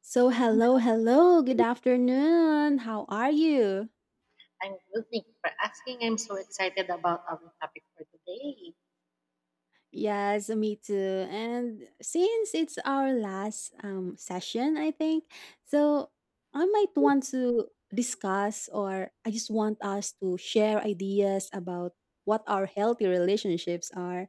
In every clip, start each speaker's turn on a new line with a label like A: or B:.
A: So, hello, hello, good afternoon. How are you?
B: I'm good. Thank you for asking. I'm so excited about our topic for today.
A: Yes, me too. And since it's our last session, I think, so I might want to discuss or I just want us to share ideas about what our healthy relationships are.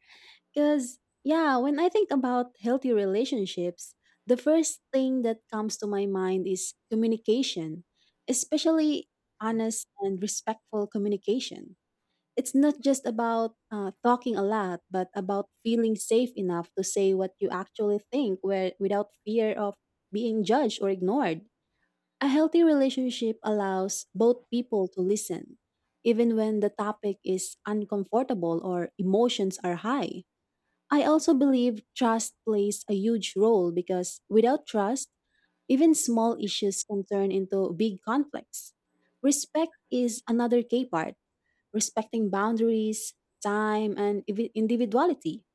A: Because, yeah, when I think about healthy relationships, the first thing that comes to my mind is communication, especially honest and respectful communication. It's not just about talking a lot, but about feeling safe enough to say what you actually think where, without fear of being judged or ignored. A healthy relationship allows both people to listen, even when the topic is uncomfortable or emotions are high. I also believe trust plays a huge role because without trust, even small issues can turn into big conflicts. Respect is another key part, respecting boundaries, time, and individuality.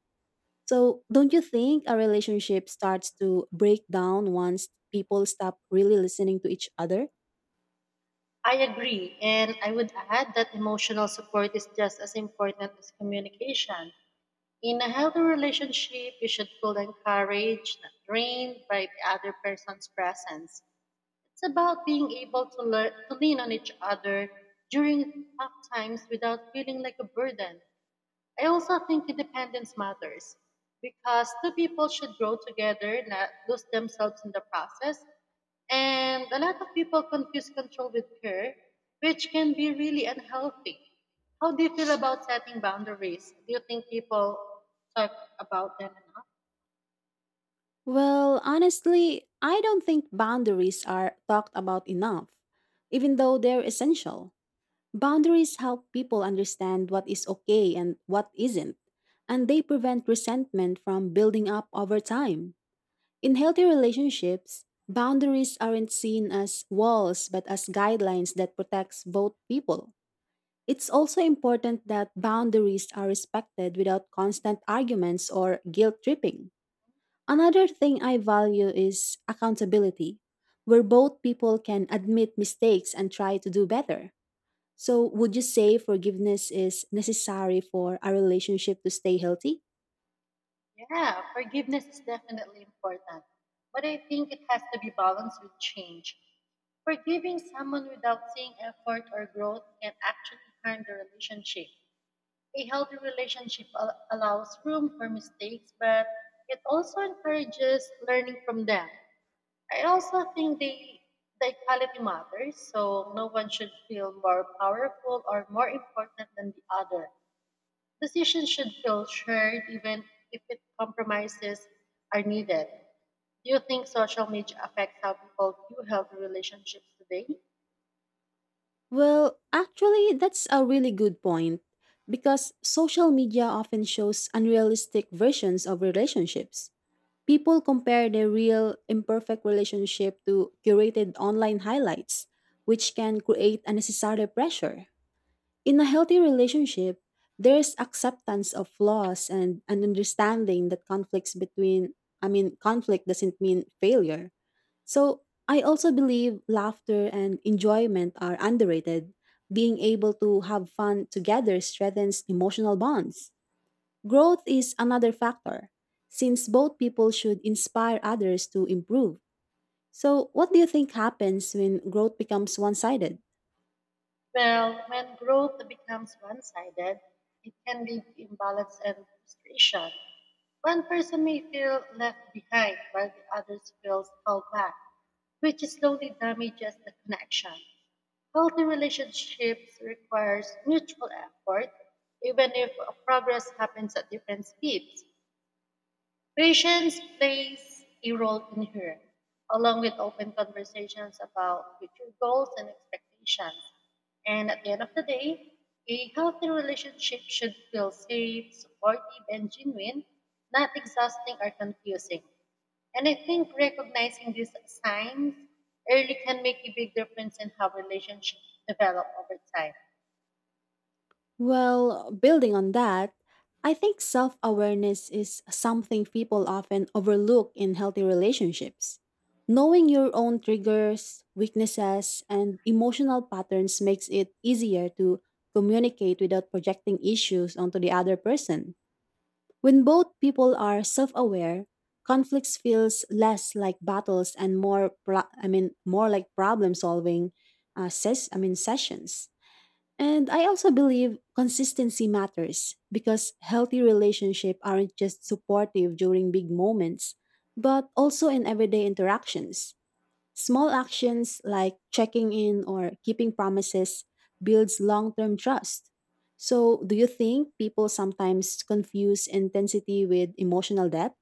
A: So, don't you think a relationship starts to break down once people stop really listening to each other?
B: I agree, and I would add that emotional support is just as important as communication. In a healthy relationship, you should feel encouraged, not drained by the other person's presence. It's about being able to learn to lean on each other during tough times without feeling like a burden. I also think independence matters because two people should grow together, not lose themselves in the process. And a lot of people confuse control with care, which can be really unhealthy. How do you feel about setting boundaries? Do you think people talk about them enough?
A: Well, honestly, I don't think boundaries are talked about enough, even though they're essential. Boundaries help people understand what is okay and what isn't, and they prevent resentment from building up over time. In healthy relationships, boundaries aren't seen as walls but as guidelines that protects both people. It's also important that boundaries are respected without constant arguments or guilt tripping. Another thing I value is accountability, where both people can admit mistakes and try to do better. So, would you say forgiveness is necessary for a relationship to stay healthy?
B: Yeah, forgiveness is definitely important, but I think it has to be balanced with change. Forgiving someone without seeing effort or growth can actually harm the relationship. A healthy relationship allows room for mistakes, but it also encourages learning from them. I also think the equality matters, so no one should feel more powerful or more important than the other. Decisions should feel shared, even if it compromises are needed. Do you think social media affects how people view healthy relationships today?
A: Well, actually, that's a really good point because social media often shows unrealistic versions of relationships. People compare their real, imperfect relationship to curated online highlights, which can create unnecessary pressure. In a healthy relationship, there's acceptance of flaws and an understanding that conflict doesn't mean failure. So I also believe laughter and enjoyment are underrated. Being able to have fun together strengthens emotional bonds. Growth is another factor, since both people should inspire others to improve. So, what do you think happens when growth becomes one sided?
B: Well, when growth becomes one sided, it can lead to imbalance and frustration. One person may feel left behind while the others feels held back, which slowly damages the connection. Healthy relationships requires mutual effort, even if progress happens at different speeds. Patience plays a role in here, along with open conversations about future goals and expectations. And at the end of the day, a healthy relationship should feel safe, supportive, and genuine, not exhausting or confusing. And I think recognizing these signs early can make a big difference in how relationships develop over time.
A: Well, building on that, I think self awareness is something people often overlook in healthy relationships. Knowing your own triggers, weaknesses, and emotional patterns makes it easier to communicate without projecting issues onto the other person. When both people are self aware, conflicts feels less like battles and more like problem solving sessions. And I also believe consistency matters because healthy relationships aren't just supportive during big moments, but also in everyday interactions. Small actions like checking in or keeping promises builds long-term trust. So, do you think people sometimes confuse intensity with emotional depth?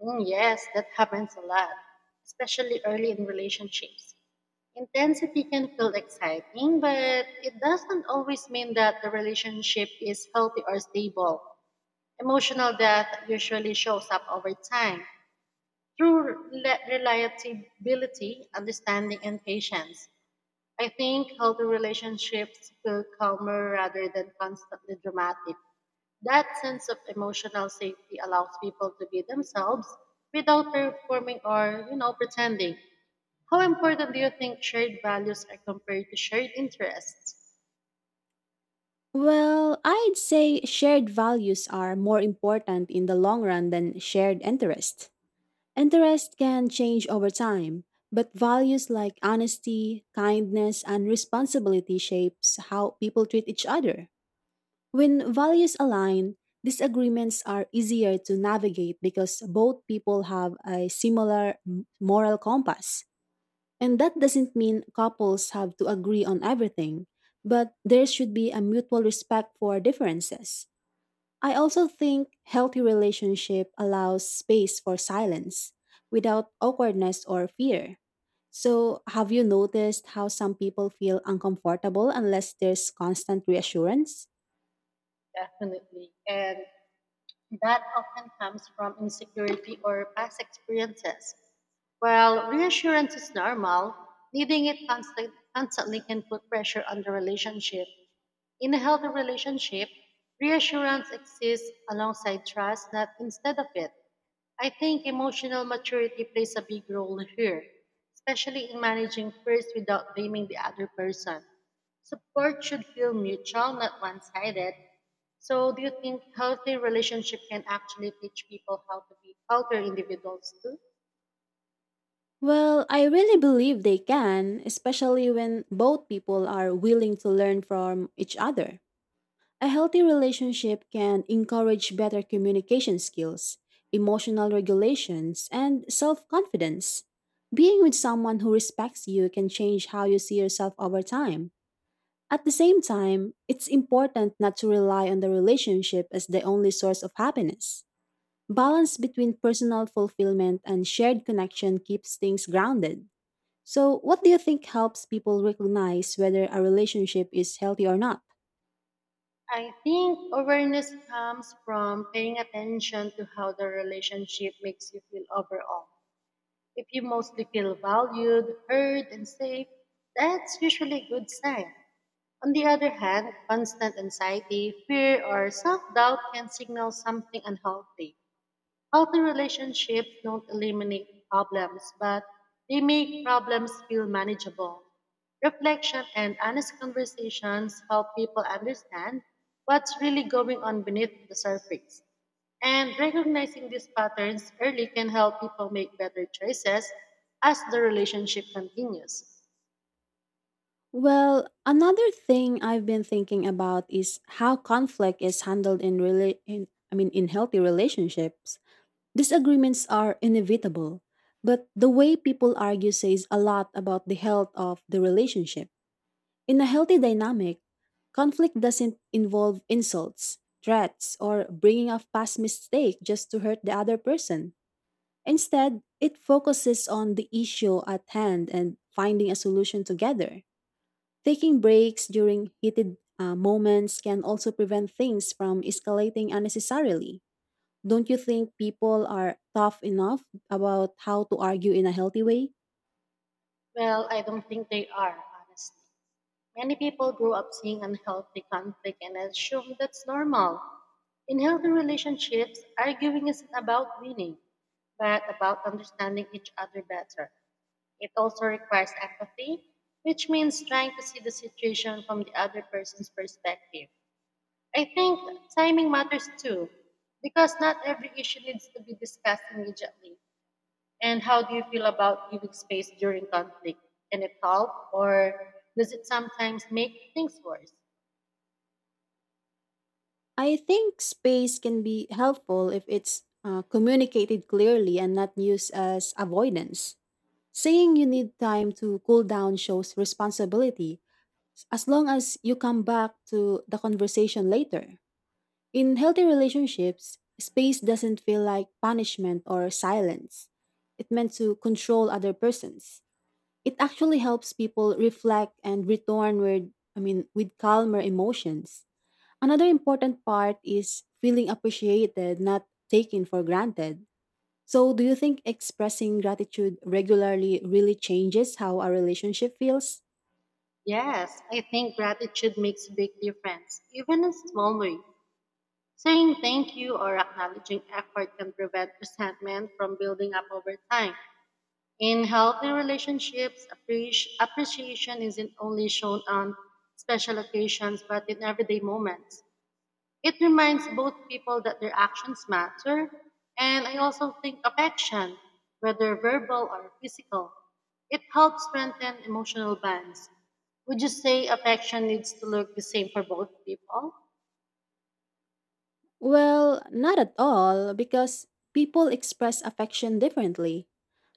B: Mm, yes, that happens a lot, especially early in relationships. Intensity can feel exciting, but it doesn't always mean that the relationship is healthy or stable. Emotional death usually shows up over time through reliability, understanding, and patience. I think healthy relationships feel calmer rather than constantly dramatic. That sense of emotional safety allows people to be themselves without performing or, you know, pretending. How important do you think shared values are compared to shared interests?
A: Well, I'd say shared values are more important in the long run than shared interest. Interest can change over time, but values like honesty, kindness, and responsibility shapes how people treat each other. When values align, disagreements are easier to navigate because both people have a similar moral compass. And that doesn't mean couples have to agree on everything, but there should be a mutual respect for differences. I also think healthy relationship allows space for silence without awkwardness or fear. So, have you noticed how some people feel uncomfortable unless there's constant reassurance?
B: Definitely. And that often comes from insecurity or past experiences. While reassurance is normal, needing it constantly can put pressure on the relationship. In a healthy relationship, reassurance exists alongside trust, not instead of it. I think emotional maturity plays a big role here, especially in managing first without blaming the other person. Support should feel mutual, not one sided. So, do you think healthy relationship can actually teach people how to be healthier individuals too?
A: Well, I really believe they can, especially when both people are willing to learn from each other. A healthy relationship can encourage better communication skills, emotional regulations, and self confidence. Being with someone who respects you can change how you see yourself over time. At the same time, it's important not to rely on the relationship as the only source of happiness. Balance between personal fulfillment and shared connection keeps things grounded. So, what do you think helps people recognize whether a relationship is healthy or not?
B: I think awareness comes from paying attention to how the relationship makes you feel overall. If you mostly feel valued, heard, and safe, that's usually a good sign. On the other hand, constant anxiety, fear, or self doubt can signal something unhealthy. Healthy relationships don't eliminate problems, but they make problems feel manageable. Reflection and honest conversations help people understand what's really going on beneath the surface. And recognizing these patterns early can help people make better choices as the relationship continues.
A: Well, another thing I've been thinking about is how conflict is handled in really in I mean in healthy relationships. Disagreements are inevitable, but the way people argue says a lot about the health of the relationship. In a healthy dynamic, conflict doesn't involve insults, threats, or bringing up past mistake just to hurt the other person. Instead, it focuses on the issue at hand and finding a solution together. Taking breaks during heated moments can also prevent things from escalating unnecessarily. Don't you think people are tough enough about how to argue in a healthy way?
B: Well, I don't think they are, honestly. Many people grow up seeing unhealthy conflict and assume that's normal. In healthy relationships, arguing isn't about winning, but about understanding each other better. It also requires empathy, which means trying to see the situation from the other person's perspective. I think timing matters too, because not every issue needs to be discussed immediately. And how do you feel about giving space during conflict? Can it help or does it sometimes make things worse?
A: I think space can be helpful if it's communicated clearly and not used as avoidance. Saying you need time to cool down shows responsibility as long as you come back to the conversation later. In healthy relationships, space doesn't feel like punishment or silence. It meant to control other persons. It actually helps people reflect and return with I mean with calmer emotions. Another important part is feeling appreciated, not taken for granted. So do you think expressing gratitude regularly really changes how our relationship feels?
B: Yes, I think gratitude makes a big difference, even in small ways. Saying thank you or acknowledging effort can prevent resentment from building up over time. In healthy relationships, appreciation isn't only shown on special occasions but in everyday moments. It reminds both people that their actions matter, and I also think affection, whether verbal or physical, it helps strengthen emotional bonds. Would you say affection needs to look the same for both people?
A: Well, not at all, because people express affection differently.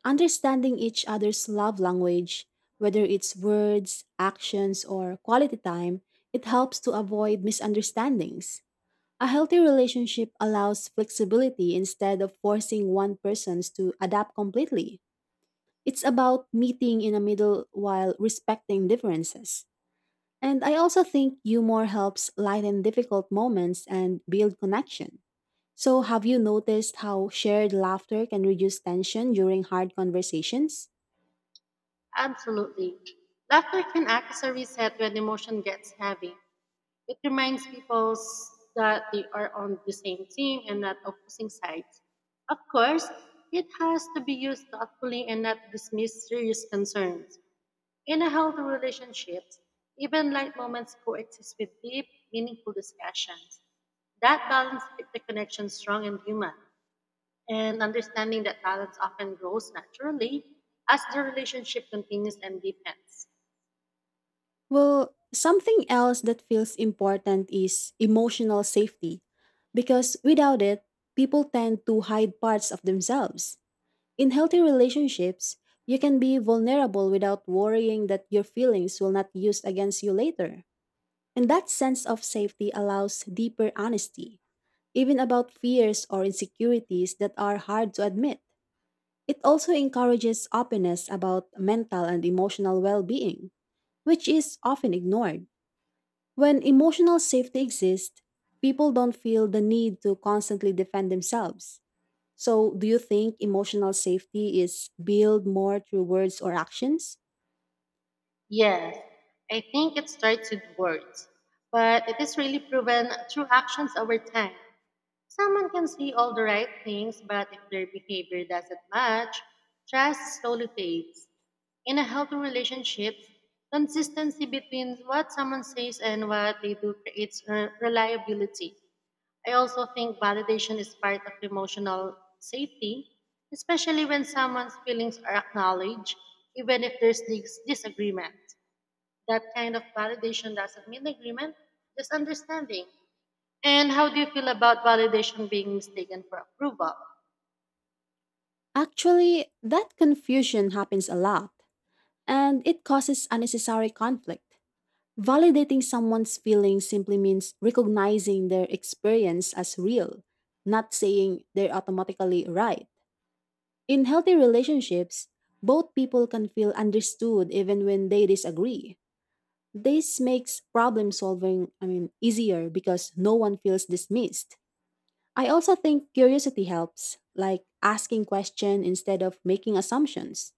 A: Understanding each other's love language, whether it's words, actions, or quality time, it helps to avoid misunderstandings. A healthy relationship allows flexibility instead of forcing one person to adapt completely. It's about meeting in the middle while respecting differences. And I also think humor helps lighten difficult moments and build connection. So, have you noticed how shared laughter can reduce tension during hard conversations?
B: Absolutely. Laughter can act as a reset when emotion gets heavy. It reminds people that they are on the same team and not opposing sides. Of course, it has to be used thoughtfully and not dismiss serious concerns. In a healthy relationships, even light moments coexist with deep, meaningful discussions. That balance keeps the connection strong and human, and understanding that balance often grows naturally as the relationship continues and deepens.
A: Well, something else that feels important is emotional safety, because without it, people tend to hide parts of themselves. In healthy relationships, you can be vulnerable without worrying that your feelings will not be used against you later. And that sense of safety allows deeper honesty, even about fears or insecurities that are hard to admit. It also encourages openness about mental and emotional well being, which is often ignored. When emotional safety exists, people don't feel the need to constantly defend themselves. So, do you think emotional safety is built more through words or actions?
B: Yes, I think it starts with words, but it is really proven through actions over time. Someone can say all the right things, but if their behavior doesn't match, trust slowly fades. In a healthy relationship, consistency between what someone says and what they do creates reliability. I also think validation is part of emotional safety, especially when someone's feelings are acknowledged, even if there's disagreement. That kind of validation doesn't mean agreement, just understanding. And how do you feel about validation being mistaken for approval?
A: Actually, that confusion happens a lot. And it causes unnecessary conflict. Validating someone's feelings simply means recognizing their experience as real, not saying they're automatically right. In healthy relationships, both people can feel understood even when they disagree. This makes problem solving, I mean, easier because no one feels dismissed. I also think curiosity helps, like asking questions instead of making assumptions.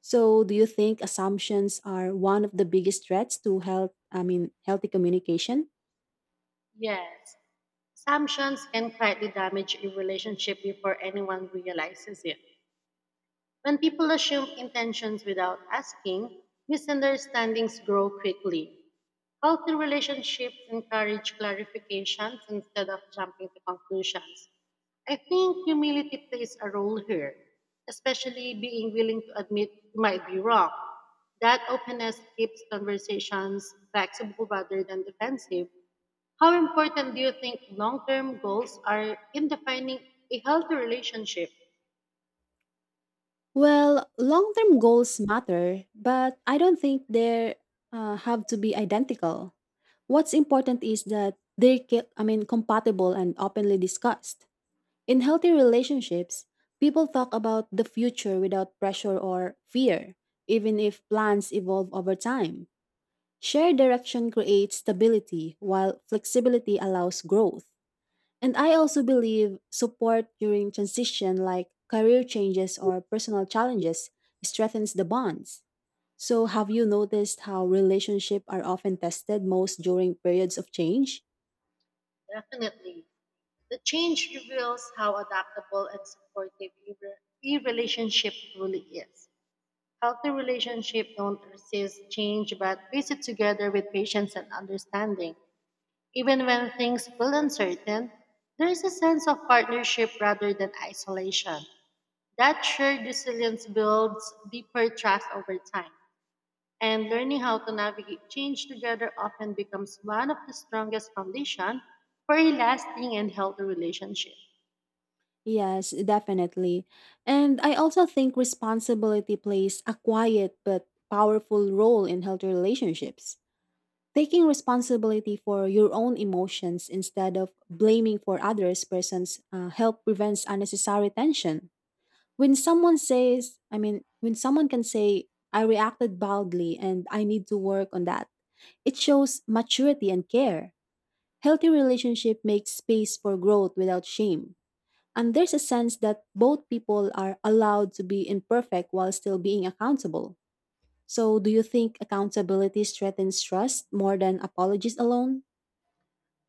A: So, do you think assumptions are one of the biggest threats to health, I mean, healthy communication?
B: Yes. Assumptions can quietly damage a relationship before anyone realizes it. When people assume intentions without asking, misunderstandings grow quickly. Healthy relationships encourage clarifications instead of jumping to conclusions. I think humility plays a role here, especially being willing to admit you might be wrong. That openness keeps conversations flexible rather than defensive. How important do you think long term goals are in defining a healthy relationship?
A: Well, long-term goals matter, but I don't think they have to be identical. What's important is that they're, compatible and openly discussed. In healthy relationships, people talk about the future without pressure or fear, even if plans evolve over time. Shared direction creates stability, while flexibility allows growth. And I also believe support during transition, like career changes or personal challenges, strengthens the bonds. So, have you noticed how relationships are often tested most during periods of change?
B: Definitely. The change reveals how adaptable and supportive your relationship truly is. Healthy relationships don't resist change but visit together with patience and understanding. Even when things feel uncertain, there is a sense of partnership rather than isolation. That shared resilience builds deeper trust over time, and learning how to navigate change together often becomes one of the strongest foundations for a lasting and healthy relationship.
A: Yes, definitely. And I also think responsibility plays a quiet but powerful role in healthy relationships. Taking responsibility for your own emotions instead of blaming for others persons help prevents unnecessary tension. When someone can say, I reacted boldly and I need to work on that, it shows maturity and care. Healthy relationship makes space for growth without shame. And there's a sense that both people are allowed to be imperfect while still being accountable. So, do you think accountability strengthens trust more than apologies alone?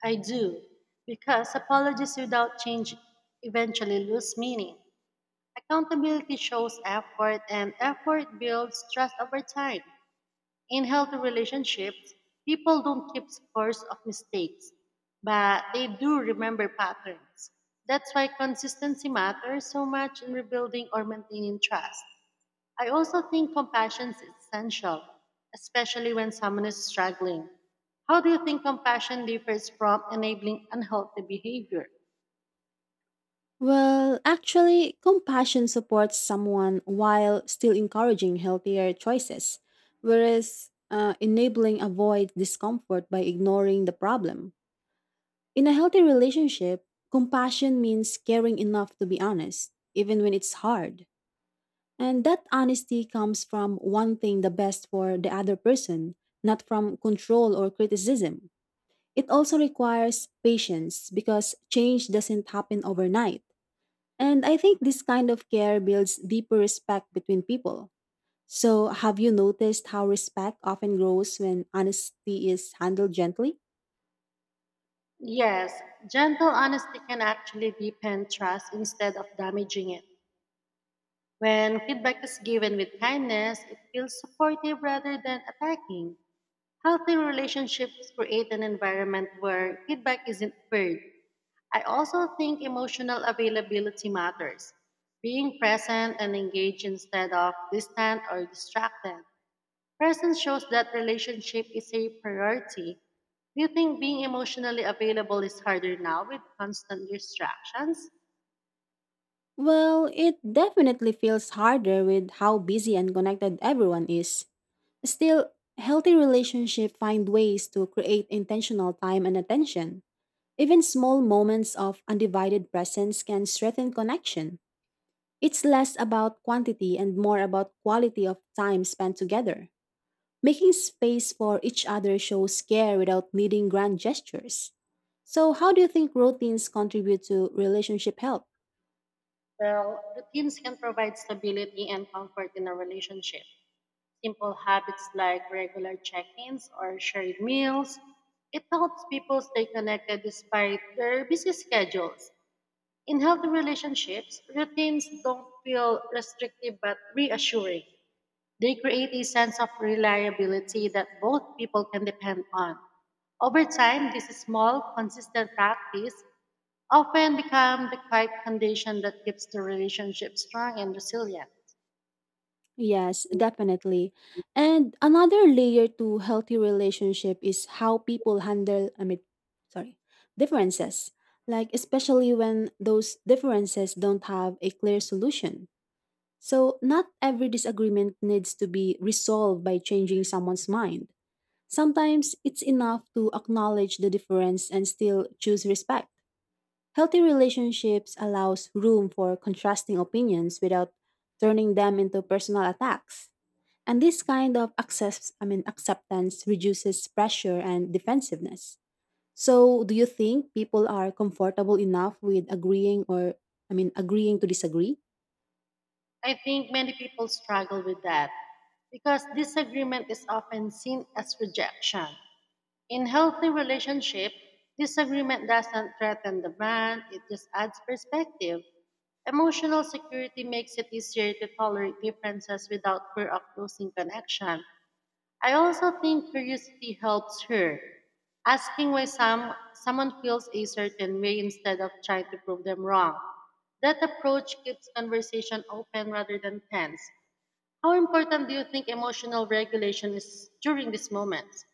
B: I do, because apologies without change eventually lose meaning. Accountability shows effort, and effort builds trust over time. In healthy relationships, people don't keep scores of mistakes, but they do remember patterns. That's why consistency matters so much in rebuilding or maintaining trust. I also think compassion is essential, especially when someone is struggling. How do you think compassion differs from enabling unhealthy behavior?
A: Well, actually, compassion supports someone while still encouraging healthier choices, whereas enabling avoids discomfort by ignoring the problem. In a healthy relationship, compassion means caring enough to be honest, even when it's hard. And that honesty comes from wanting the best for the other person, not from control or criticism. It also requires patience because change doesn't happen overnight. And I think this kind of care builds deeper respect between people. So, have you noticed how respect often grows when honesty is handled gently?
B: Yes, gentle honesty can actually deepen trust instead of damaging it. When feedback is given with kindness, it feels supportive rather than attacking. Healthy relationships create an environment where feedback isn't feared. I also think emotional availability matters. Being present and engaged instead of distant or distracted. Presence shows that relationship is a priority. Do you think being emotionally available is harder now with constant distractions?
A: Well, it definitely feels harder with how busy and connected everyone is. Still, healthy relationships find ways to create intentional time and attention. Even small moments of undivided presence can strengthen connection. It's less about quantity and more about quality of time spent together. Making space for each other shows care without needing grand gestures. So, how do you think routines contribute to relationship health?
B: Well, routines can provide stability and comfort in a relationship. Simple habits like regular check ins or shared meals. It helps people stay connected despite their busy schedules. In healthy relationships, routines don't feel restrictive but reassuring. They create a sense of reliability that both people can depend on. Over time, this small, consistent practice often become the quiet condition that keeps the relationship strong and resilient.
A: Yes, definitely. And another layer to healthy relationship is how people handle sorry, differences. Like especially when those differences don't have a clear solution. So not every disagreement needs to be resolved by changing someone's mind. Sometimes it's enough to acknowledge the difference and still choose respect. Healthy relationships allows room for contrasting opinions without turning them into personal attacks. And this kind of acceptance reduces pressure and defensiveness. So, do you think people are comfortable enough with agreeing or, I mean, agreeing to disagree?
B: I think many people struggle with that because disagreement is often seen as rejection. In healthy relationship, disagreement doesn't threaten the bond, it just adds perspective. Emotional security makes it easier to tolerate differences without fear of losing connection. I also think curiosity helps her. Asking why someone feels a certain way instead of trying to prove them wrong. That approach keeps conversation open rather than tense. How important do you think emotional regulation is during these moments?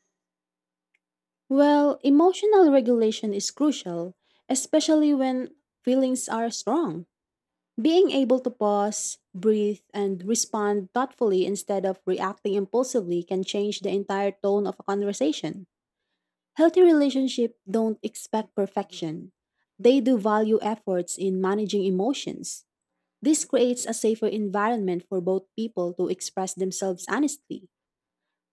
A: Well, emotional regulation is crucial, especially when feelings are strong. Being able to pause, breathe, and respond thoughtfully instead of reacting impulsively can change the entire tone of a conversation. Healthy relationships don't expect perfection. They do value efforts in managing emotions. This creates a safer environment for both people to express themselves honestly.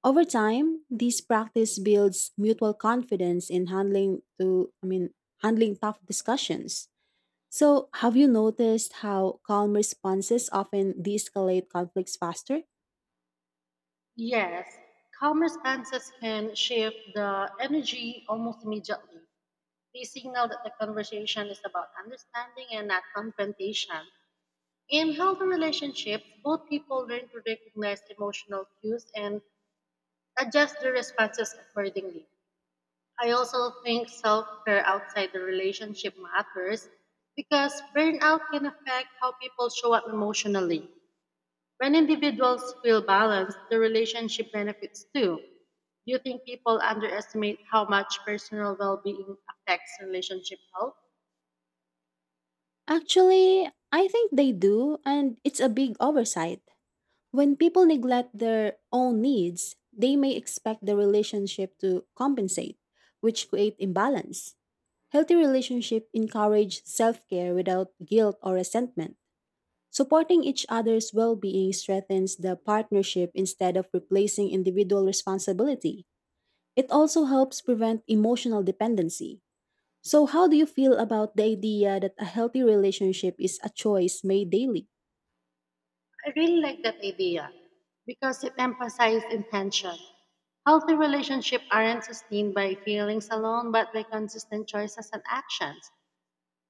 A: Over time, this practice builds mutual confidence in handling to I mean handling tough discussions. So, have you noticed how calm responses often de-escalate conflicts faster?
B: Yes, calm responses can shift the energy almost immediately. They signal that the conversation is about understanding and not confrontation. In healthy relationships, both people learn to recognize emotional cues and adjust their responses accordingly. I also think self care outside the relationship matters because burnout can affect how people show up emotionally. When individuals feel balanced, the relationship benefits too. Do you think people underestimate how much personal well being affects relationship health?
A: Actually, I think they do, and it's a big oversight. When people neglect their own needs, they may expect the relationship to compensate, which create imbalance. Healthy relationships encourage self-care without guilt or resentment. Supporting each other's well-being strengthens the partnership instead of replacing individual responsibility. It also helps prevent emotional dependency. So how do you feel about the idea that a healthy relationship is a choice made daily?
B: I really like that idea because it emphasizes intention. Healthy relationships aren't sustained by feelings alone, but by consistent choices and actions.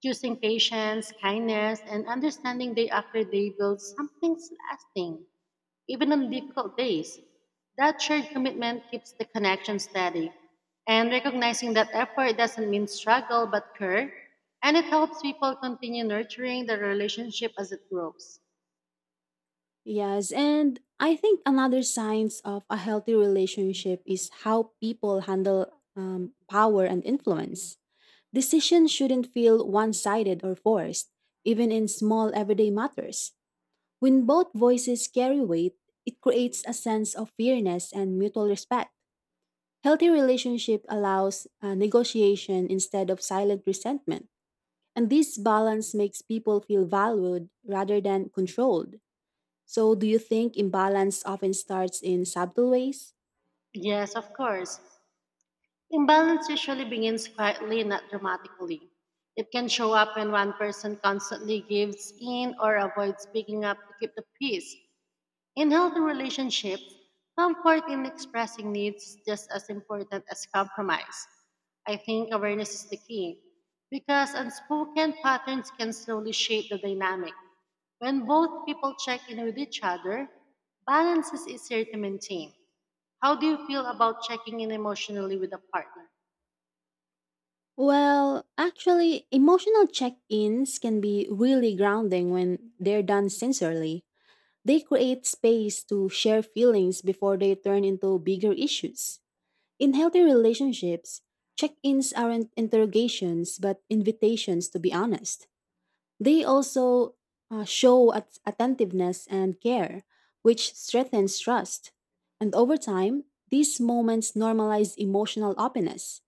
B: Choosing patience, kindness, and understanding day after day builds something lasting, even on difficult days. That shared commitment keeps the connection steady. And recognizing that effort doesn't mean struggle but care, and it helps people continue nurturing the relationship as it grows.
A: Yes, and I think another signs of a healthy relationship is how people handle power and influence. Decisions shouldn't feel one-sided or forced, even in small everyday matters. When both voices carry weight, it creates a sense of fairness and mutual respect. Healthy relationship allows negotiation instead of silent resentment, and this balance makes people feel valued rather than controlled. So, do you think imbalance often starts in subtle ways?
B: Yes, of course. Imbalance usually begins quietly, not dramatically. It can show up when one person constantly gives in or avoids picking up to keep the peace. In healthy relationships, comfort in expressing needs is just as important as compromise. I think awareness is the key because unspoken patterns can slowly shape the dynamic. When both people check in with each other, balance is easier to maintain. How do you feel about checking in emotionally with a partner?
A: Well, actually, emotional check ins can be really grounding when they're done sincerely. They create space to share feelings before they turn into bigger issues. In healthy relationships, check ins aren't interrogations but invitations to be honest. They also show attentiveness and care, which strengthens trust. And over time, these moments normalize emotional openness.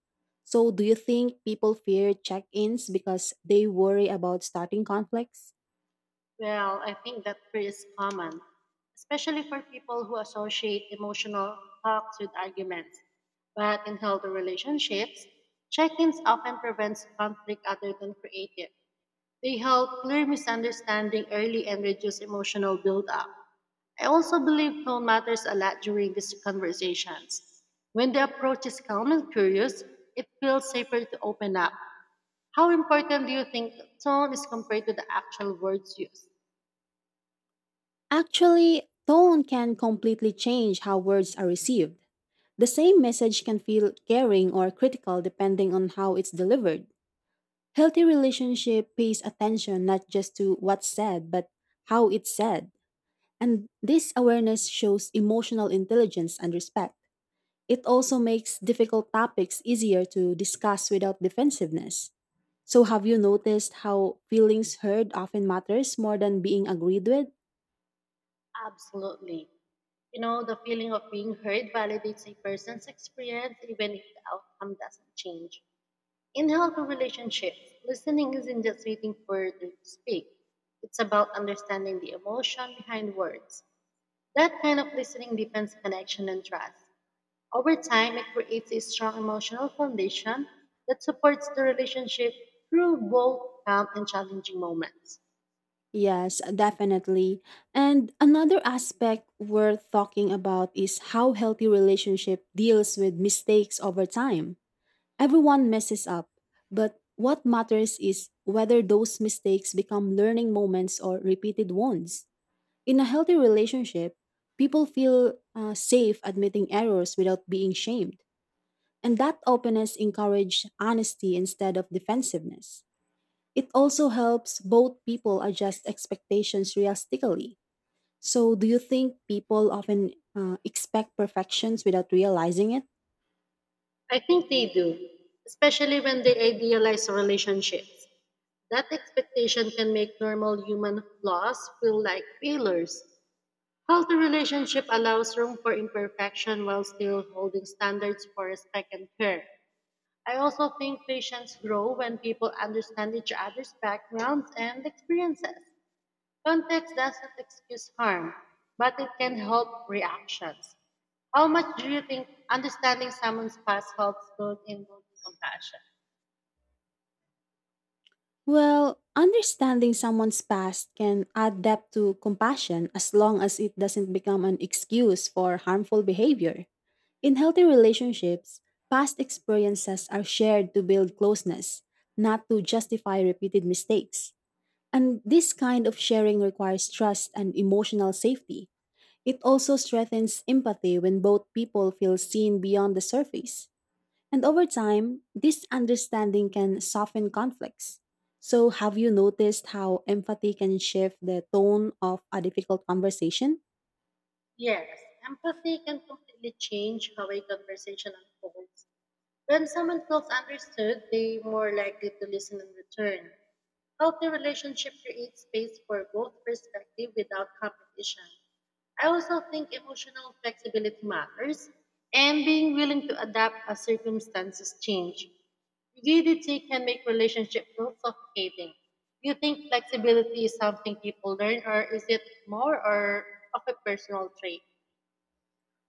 A: So, do you think people fear check ins because they worry about starting conflicts?
B: Well, I think that fear is common, especially for people who associate emotional talks with arguments. But in healthy relationships, check ins often prevents conflict other than creative. They help clear misunderstanding early and reduce emotional buildup. I also believe tone matters a lot during these conversations. When the approach is calm and curious, it feels safer to open up. How important do you think tone is compared to the actual words used?
A: Actually, tone can completely change how words are received. The same message can feel caring or critical depending on how it's delivered. Healthy relationship pays attention not just to what's said, but how it's said. And this awareness shows emotional intelligence and respect. It also makes difficult topics easier to discuss without defensiveness. So, have you noticed how feelings heard often matters more than being agreed with?
B: Absolutely. You know, the feeling of being heard validates a person's experience even if the outcome doesn't change. In healthy relationships, listening isn't just waiting for them to speak, it's about understanding the emotion behind words. That kind of listening deepens connection and trust. Over time, it creates a strong emotional foundation that supports the relationship through both calm and challenging moments.
A: Yes, definitely. And another aspect worth talking about is how healthy relationship deals with mistakes over time. Everyone messes up, but what matters is whether those mistakes become learning moments or repeated wounds. In a healthy relationship, people feel safe admitting errors without being shamed, and that openness encourages honesty instead of defensiveness. It also helps both people adjust expectations realistically. So, do you think people often expect perfections without realizing it?
B: I think they do, especially when they idealize relationships. That expectation can make normal human flaws feel like failures. Healthy relationship allows room for imperfection while still holding standards for respect and care. I also think patients grow when people understand each other's backgrounds and experiences. Context doesn't excuse harm, but it can help reactions. How much do you think understanding someone's past helps build in compassion?
A: Well, understanding someone's past can add depth to compassion as long as it doesn't become an excuse for harmful behavior. In healthy relationships, past experiences are shared to build closeness, not to justify repeated mistakes. And this kind of sharing requires trust and emotional safety. It also strengthens empathy when both people feel seen beyond the surface. And over time, this understanding can soften conflicts. So, have you noticed how empathy can shift the tone of a difficult conversation?
B: Yes, empathy can completely change how a conversation unfolds. When someone feels understood, they more likely to listen in return. Healthy relationship creates space for both perspective without competition. I also think emotional flexibility matters and being willing to adapt as circumstances change. Rigidity can make relationship feel suffocating. Do you think flexibility is something people learn or is it more or of a personal trait?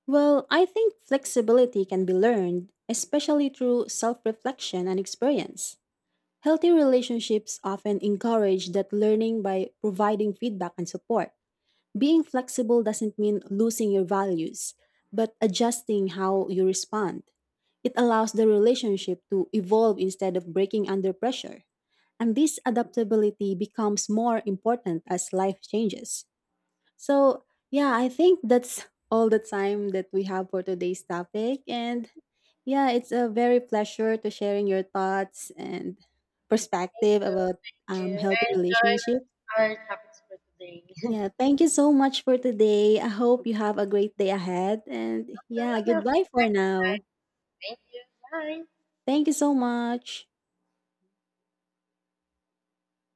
A: Well, I think flexibility can be learned, especially through self reflection and experience. Healthy relationships often encourage that learning by providing feedback and support. Being flexible doesn't mean losing your values, but adjusting how you respond. It allows the relationship to evolve instead of breaking under pressure. And this adaptability becomes more important as life changes. So, yeah, I think that's all the time that we have for today's topic. And yeah, it's a very pleasure to sharing your thoughts and
B: Thank
A: perspective
B: you.
A: about
B: Thank you.
A: healthy relationships.
B: I enjoyed our topics for today.
A: Yeah, thank you so much for today. I hope you have a great day ahead. And
B: So,
A: yeah,
B: I'll see
A: goodbye
B: you
A: for
B: next
A: now.
B: time. Thank you. Bye.
A: Thank you so much.